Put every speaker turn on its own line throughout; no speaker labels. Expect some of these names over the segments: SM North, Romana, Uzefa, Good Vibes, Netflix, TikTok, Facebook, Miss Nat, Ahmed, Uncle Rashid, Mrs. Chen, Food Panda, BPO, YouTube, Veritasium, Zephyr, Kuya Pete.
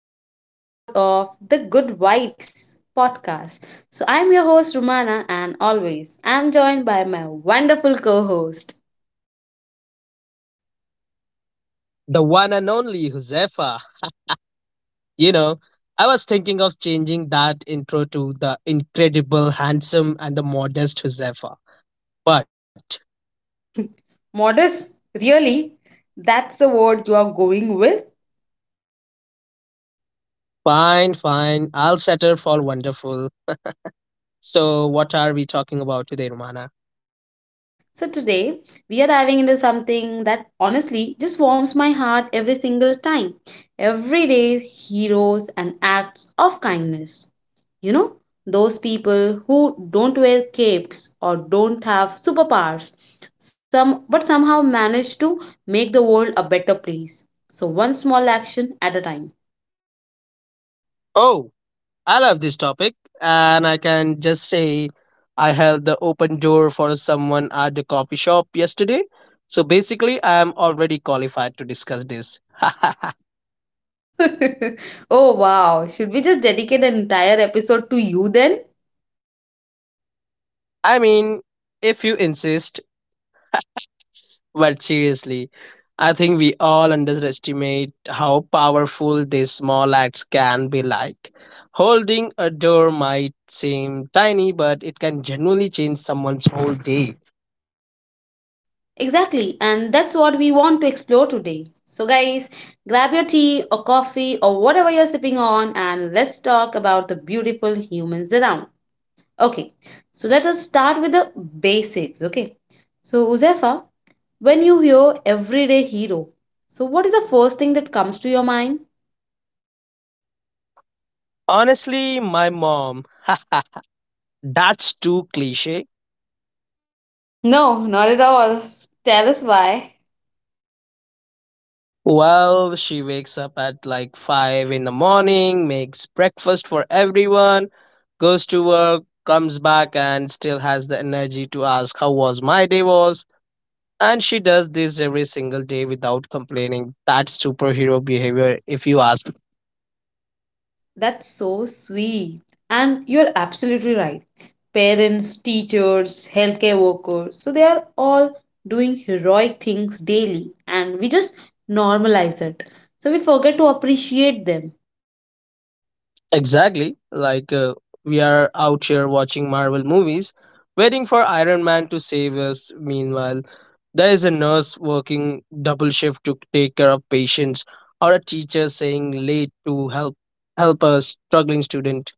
to another episode of the Good Vibes podcast. I'm your host, Romana, and always I'm joined by my wonderful co host.
The one and only Josefa. You know, I was thinking of changing that intro to the incredible, handsome, and the modest Josefa. But
Modest, really? That's the word you are going with?
fine, fine, I'll settle for wonderful. So, what are we talking about today, Romana?
So today we are diving into something that honestly just warms my heart every single time. Everyday heroes and acts of kindness. You know, those people who don't wear capes or don't have superpowers, some but somehow manage to make the world a better place. So one small action at a time.
Oh, I love this topic, and I can just say I held the open door for someone at the coffee shop yesterday. So, basically, I am already qualified to discuss this.
Oh wow, should we just dedicate an entire episode to you then?
I mean, if you insist. But seriously, I think we all underestimate how powerful these small acts can be like. Holding a door might seem tiny, but it can genuinely change someone's whole day.
Exactly, and that's what we want to explore today. So, guys, grab your tea or coffee or whatever you're sipping on, and let's talk about the beautiful humans around. Okay, so let us start with the basics. Okay, so Uzefa, when you hear everyday hero, so what is the first thing that comes to your mind?
Honestly, my mom. That's too cliche.
No, not at all. Tell us why.
Well, she wakes up at like 5 in the morning, makes breakfast for everyone, goes to work, comes back, and still has the energy to ask how was my day was. And she does this every single day without complaining. That's superhero behavior, if you ask.
That's so sweet. And you're absolutely right. Parents, teachers, healthcare workers, so they are all doing heroic things daily, and we just normalize it. So we forget to appreciate them.
Exactly. We are out here watching Marvel movies, waiting for Iron Man to save us. Meanwhile, there is a nurse working double shift to take care of patients, or a teacher saying late to help a struggling student.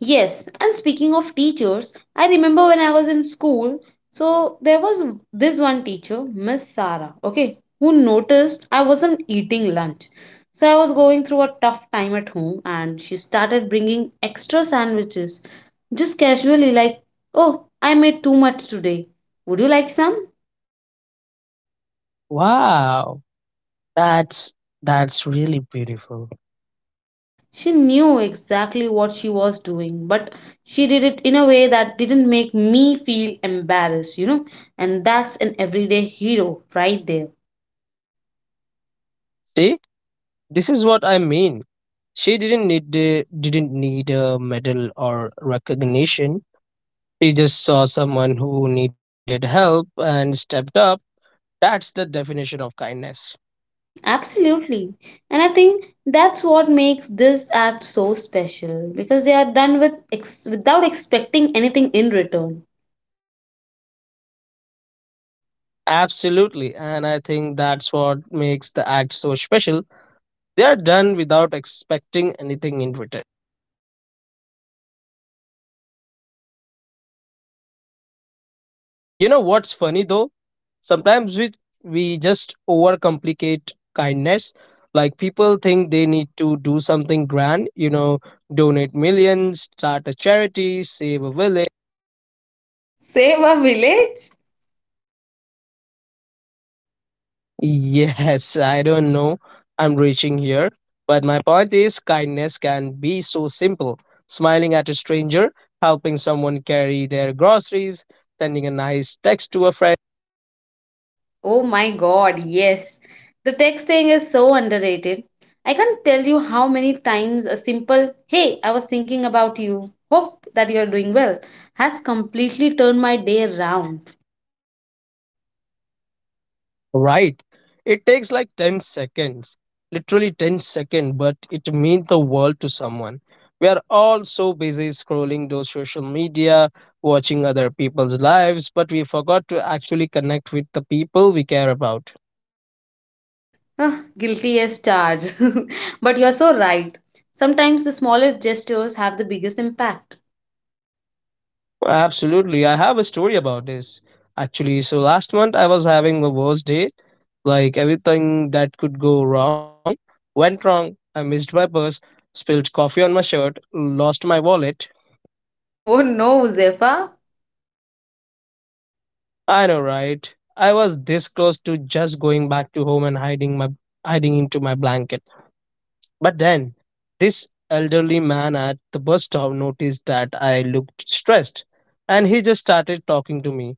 Yes, and speaking of teachers, I remember when I was in school, so there was this one teacher, Miss Sarah, okay, who noticed I wasn't eating lunch. So I was going through a tough time at home and she started bringing extra sandwiches just casually, like, "Oh, I made too much today. Would you like some?"
Wow, that's that's really beautiful.
She knew exactly what she was doing, but she did it in a way that didn't make me feel embarrassed. And that's an everyday hero right there.
See? This is what I mean. She didn't need the, didn't need a medal or recognition. She just saw someone who needed help and stepped up. That's the definition of kindness.
Absolutely. And I think that's what makes this act so special because they are done with without expecting anything in return.
Absolutely, and I think that's what makes the act so special. They are done without expecting anything in return. You know what's funny though? Sometimes we just overcomplicate kindness. Like people think they need to do something grand, donate millions, start a charity, save a village.
Save a village?
Yes, I don't know. I'm reaching here. But my point is, kindness can be so simple. Smiling at a stranger, helping someone carry their groceries, sending a nice text to a friend.
Oh my god, yes. The text thing is so underrated. I can't tell you how many times a simple, "Hey, I was thinking about you, hope that you're doing well," has completely turned my day around.
Right. It takes like 10 seconds, literally 10 seconds, but it means the world to someone. We are all so busy scrolling those social media, watching other people's lives, but we forgot to actually connect with the people we care about.
Ugh, guilty as charged. But you're so right. Sometimes the smallest gestures have the biggest impact.
Absolutely. I have a story about this actually. So last month I was having a worst day. Like everything that could go wrong went wrong. I missed my purse, spilled coffee on my shirt, lost my wallet.
Oh no, Zephyr.
I know, right? I was this close to just going back to home and hiding my hiding into my blanket. But then this elderly man at the bus stop noticed that I looked stressed and he just started talking to me.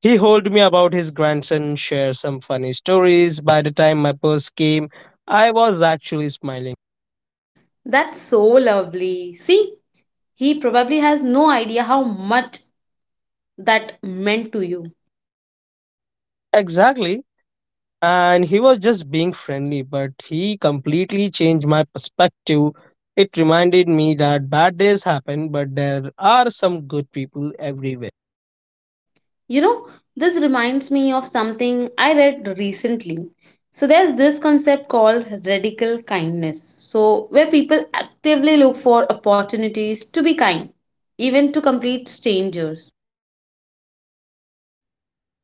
He told me about his grandson, shared some funny stories. By the time my purse came, I was actually smiling.
That's so lovely. See, he probably has no idea how much that meant to you.
Exactly. And he was just being friendly, but he completely changed my perspective. It reminded me that bad days happen, but there are some good people everywhere.
You know, this reminds me of something I read recently. So, there's this concept called radical kindness. So, where people actively look for opportunities to be kind, even to complete strangers.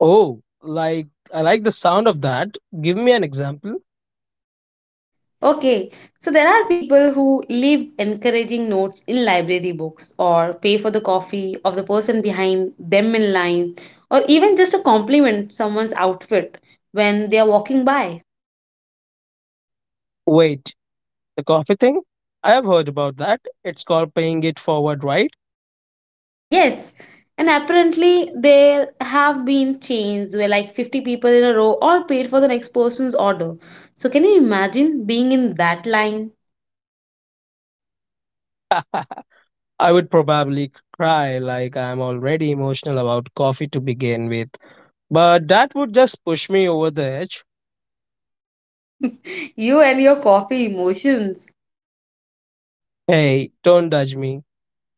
Oh, like I like the sound of that. Give me an example.
Okay, so there are people who leave encouraging notes in library books or pay for the coffee of the person behind them in line or even just a compliment someone's outfit when they are walking by.
Wait, the coffee thing? I have heard about that. It's called paying it forward, right?
Yes, and apparently there have been chains where like 50 people in a row all paid for the next person's order. So can you imagine being in that line?
I would probably cry like I'm already emotional about coffee to begin with. But that would just push me over the edge.
You and your coffee emotions.
Hey, don't judge me,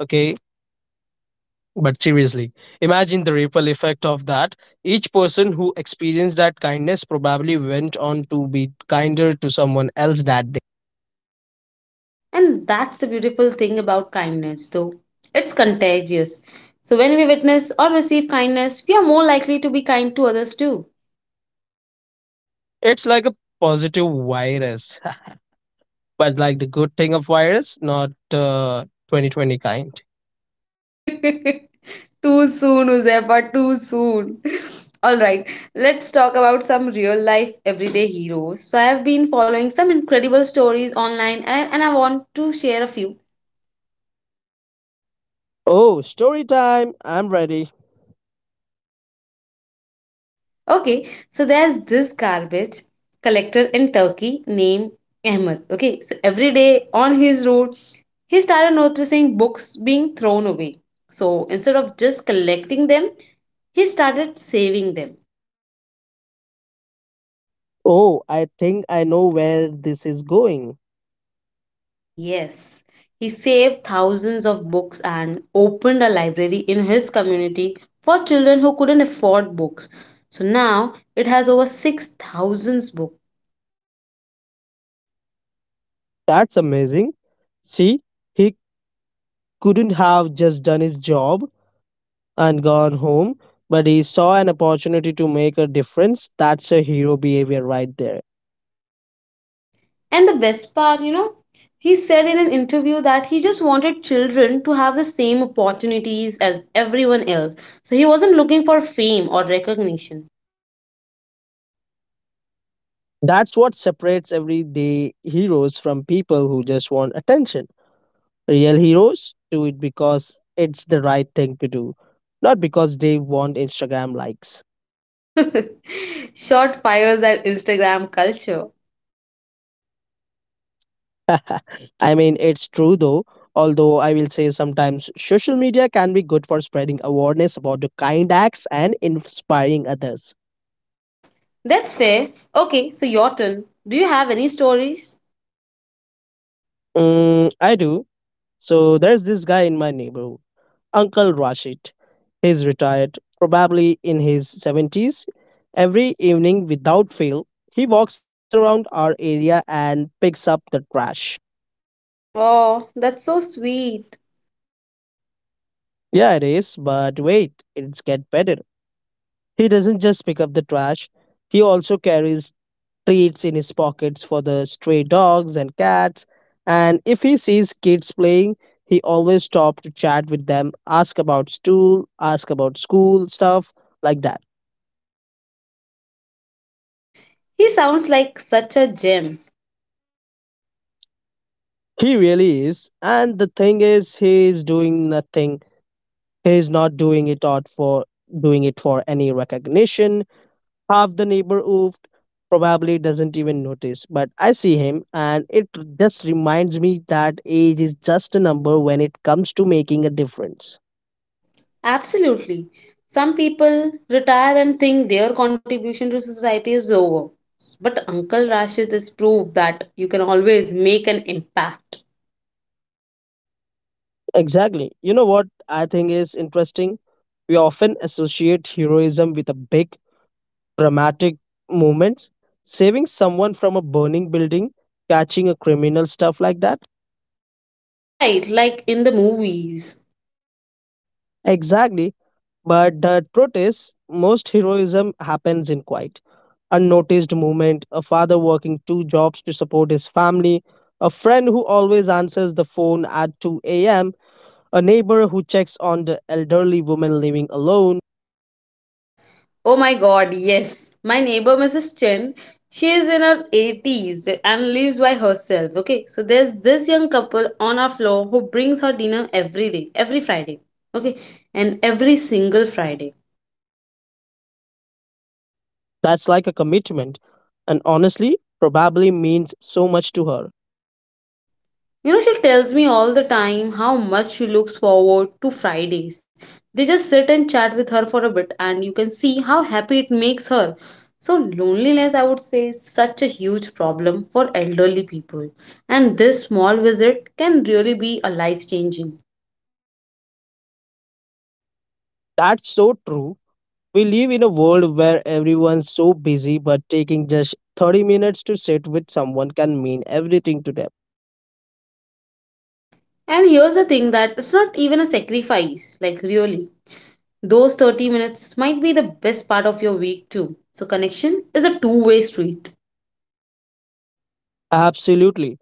okay? But seriously, imagine the ripple effect of that. Each person who experienced that kindness probably went on to be kinder to someone else that day.
And that's the beautiful thing about kindness though. It's contagious. So when we witness or receive kindness, we are more likely to be kind to others too.
It's like a positive virus, but like the good thing of virus, not 2020 kind.
Too soon, Uzefa, too soon. All right, let's talk about some real life everyday heroes. So, I have been following some incredible stories online, and I want to share a few.
Oh, story time! I'm ready.
Okay, so there's this garbage collector in Turkey named Ahmed. Okay, so every day on his road, he started noticing books being thrown away. So, instead of just collecting them, he started saving them.
Oh, I think I know where this is going.
Yes, he saved thousands of books and opened a library in his community for children who couldn't afford books. So now it has over 6,000 books.
That's amazing. See, he couldn't have just done his job and gone home, but he saw an opportunity to make a difference. That's a hero behavior right there.
And the best part, you know, he said in an interview that he just wanted children to have the same opportunities as everyone else. So he wasn't looking for fame or recognition.
That's what separates everyday heroes from people who just want attention. Real heroes do it because it's the right thing to do, not because they want Instagram likes.
Short fires at Instagram culture.
I mean, it's true though, although I will say sometimes social media can be good for spreading awareness about the kind acts and inspiring others.
That's fair. Okay, so your turn. Do you have any stories?
Mm, I do. So there's this guy in my neighborhood, Uncle Rashid. He's retired, probably in his 70s. Every evening, without fail, he walks around our area and picks up the trash.
Oh, that's so sweet.
Yeah, it is, but wait, it's get better. He doesn't just pick up the trash, he also carries treats in his pockets for the stray dogs and cats. And if he sees kids playing, he always stops to chat with them, ask about school stuff like that.
He sounds like such a gem.
He really is. And the thing is, he is doing nothing. He is not doing it out for doing it for any recognition. Half the neighborhood probably doesn't even notice. But I see him, and it just reminds me that age is just a number when it comes to making a difference.
Absolutely. Some people retire and think their contribution to society is over. But Uncle Rashid has proved that you can always make an impact.
Exactly. You know what I think is interesting? We often associate heroism with a big, dramatic moments, saving someone from a burning building, catching a criminal, stuff like that.
Right, like in the movies.
Exactly. But the truth is, most heroism happens in quiet, unnoticed movement, a father working two jobs to support his family, a friend who always answers the phone at 2 a.m., a neighbor who checks on the elderly woman living alone.
Oh my god, yes. My neighbor, Mrs. Chen, she is in her 80s and lives by herself. Okay, so there's this young couple on our floor who brings her dinner every day, every Friday. Okay, and every single Friday.
That's like a commitment. And honestly, probably means so much to her.
You know, she tells me all the time how much she looks forward to Fridays. They just sit and chat with her for a bit, and you can see how happy it makes her. So, loneliness, I would say, is such a huge problem for elderly people, and this small visit can really be a life changing.
That's so true. We live in a world where everyone's so busy, but taking just 30 minutes to sit with someone can mean everything to them.
And here's the thing, that it's not even a sacrifice, like, really. Those 30 minutes might be the best part of your week, too. So, connection is a two-way street.
Absolutely.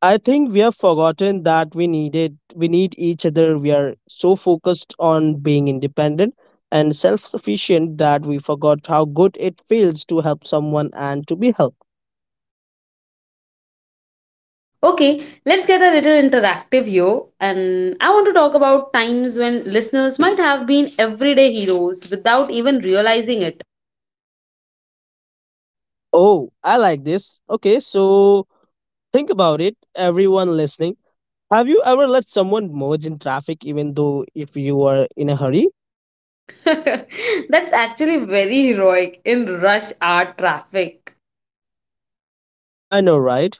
I think we have forgotten that we need each other. We are so focused on being independent and self-sufficient that we forgot how good it feels to help someone and to be helped.
Okay, let's get a little interactive here. And I want to talk about times when listeners might have been everyday heroes without even realizing it.
Oh, I like this. Okay, so think about it, everyone listening. Have you ever let someone merge in traffic even though if you were in a hurry?
That's actually very heroic in rush hour traffic.
I know, right?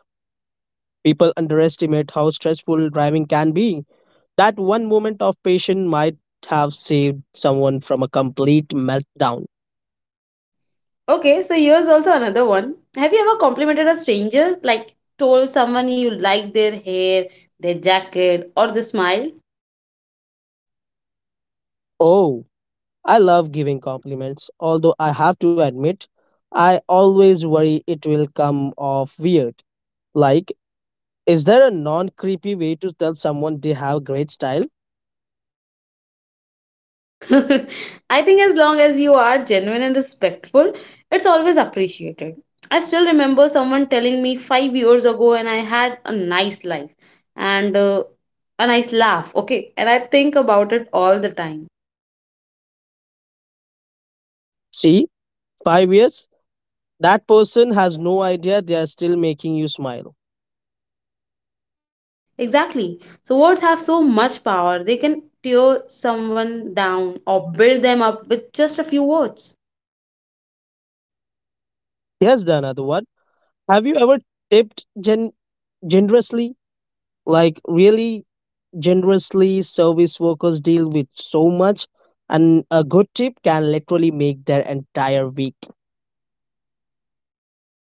People underestimate how stressful driving can be. That one moment of patience might have saved someone from a complete meltdown.
Okay, so here's also another one. Have you ever complimented a stranger? Like, told someone you liked their hair, their jacket, or the smile?
Oh, I love giving compliments, although I have to admit, I always worry it will come off weird. Like, is there a non creepy way to tell someone they have great style?
I think as long as you are genuine and respectful, it's always appreciated. I still remember someone telling me 5 years ago, and I had a nice life and a nice laugh. Okay, and I think about it all the time.
See, 5 years? That person has no idea they are still making you smile.
Exactly. So words have so much power. They can tear someone down or build them up with just a few words.
Here's the another one. Have you ever tipped gen- generously, like really generously? Service workers deal with so much and a good tip can literally make their entire week.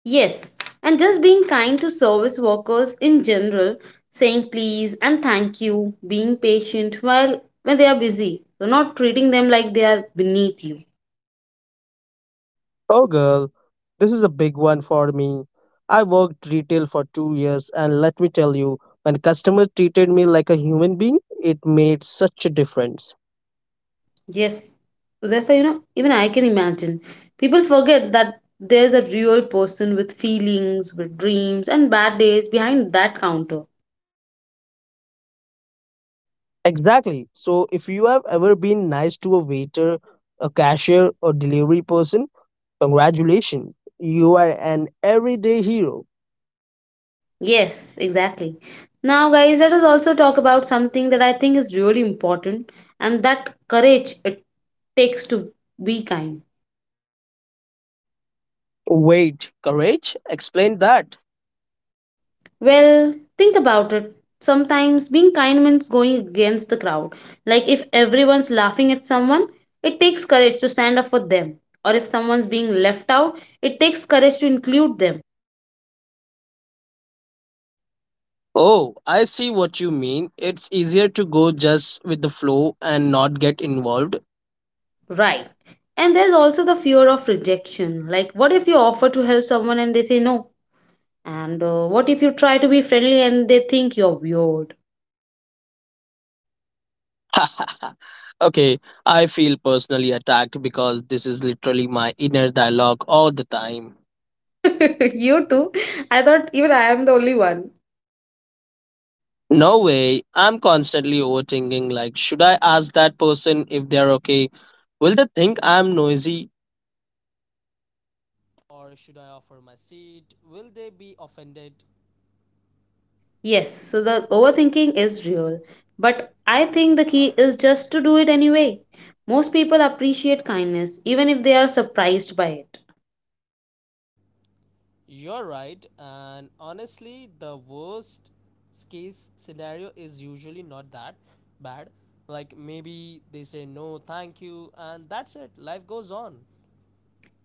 Yes, and just being kind to service workers in general, saying please and thank you, being patient while when they are busy, so not treating them like they are beneath you.
Oh, girl, this is a big one for me. I worked retail for 2 years, and let me tell you, when customers treated me like a human being, it made such a difference.
Yes, therefore, you know, even I can imagine people forget that there's a real person with feelings, with dreams, and bad days behind that counter.
Exactly. So if you have ever been nice to a waiter, a cashier, or delivery person, congratulations. You are an everyday hero.
Yes, exactly. Now, guys, let us also talk about something that I think is really important, and that courage it takes to be kind.
Wait, courage? Explain that.
Well, think about it. Sometimes being kind means going against the crowd. Like if everyone's laughing at someone, it takes courage to stand up for them. Or if someone's being left out, it takes courage to include them.
Oh, I see what you mean. It's easier to go just with the flow and not get involved.
Right. And there's also the fear of rejection. Like, what if you offer to help someone and they say no? And what if you try to be friendly and they think you're weird?
Okay, I feel personally attacked because this is literally my inner dialogue all the time.
You too. I thought even I am the only one.
No way. I'm constantly overthinking like, should I ask that person if they're okay? Will they think I'm noisy?
Yes, so the overthinking is real, but I think the key is just to do it anyway. Most people appreciate kindness even if they are surprised by it.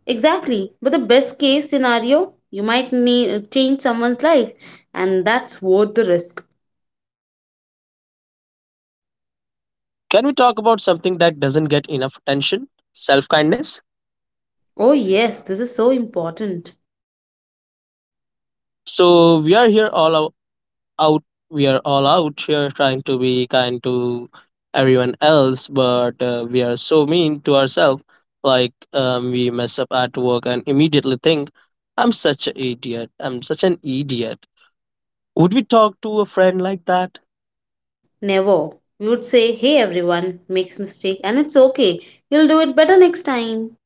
Exactly, but the best case scenario, you might need, change someone's life, and that's worth the risk.
Can we talk about something that doesn't get enough attention? Self kindness.
Oh, yes, this is so important.
So we are here all ou- out. We are all out here trying to be kind to everyone else, but we are so mean to ourselves. We mess up at work and immediately think, "I'm such an idiot. I'm such an idiot."" Would we talk to a friend like that?
Never. We would say, "Hey, everyone makes mistake and it's okay. You'll do it better next time."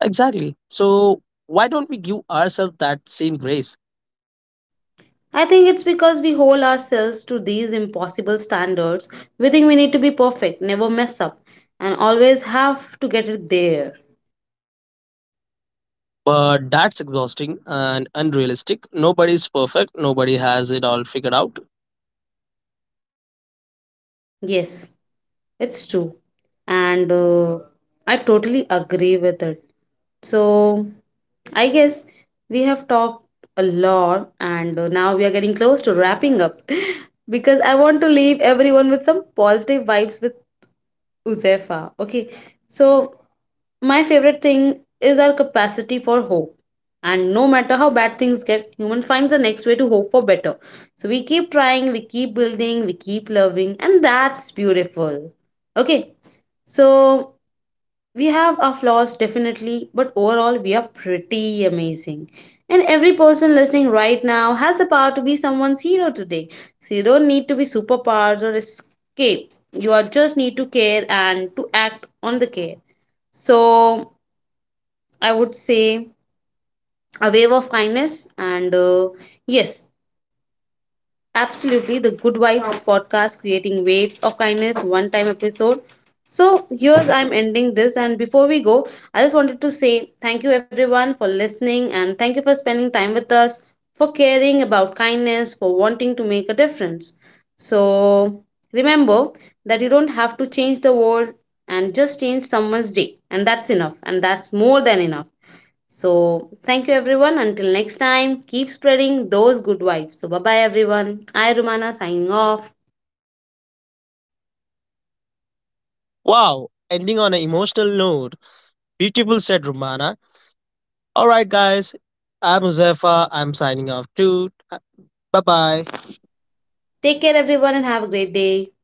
Exactly. So why don't we give ourselves that same grace?
I think it's because we hold ourselves to these impossible standards. We think we need to be perfect, never mess up, and always have to get it there.
But that's exhausting and unrealistic. Nobody's perfect, nobody has it all figured out.
Yes, it's true. And I totally agree with it. So, I guess we have talked a lot, and now we are getting close to wrapping up because I want to leave everyone with some positive vibes with Uzefa. Okay. So my favorite thing is our capacity for hope. And no matter how bad things get, human finds the next way to hope for better. So we keep trying, we keep building, we keep loving, and that's beautiful. Okay. So we have our flaws definitely, but overall we are pretty amazing. And every person listening right now has the power to be someone's hero today. So you don't need to be superpowers or escape, you are just need to care and to act on the care. So I would say a wave of kindness and yes. Absolutely, the Good Vibes podcast creating waves of kindness one time episode. So, here's I'm ending this. And before we go, I just wanted to say thank you everyone for listening and thank you for spending time with us, for caring about kindness, for wanting to make a difference. So, remember that you don't have to change the world and just change someone's day, and that's enough, and that's more than enough. So, thank you everyone. Until next time, keep spreading those good vibes. So, bye bye everyone. I, Rumana, signing off.
Wow, ending on an emotional note. Beautiful said Romana. Alright, guys, I'm Uzefa. I'm signing off too. Bye bye.
Take care everyone and have a great day.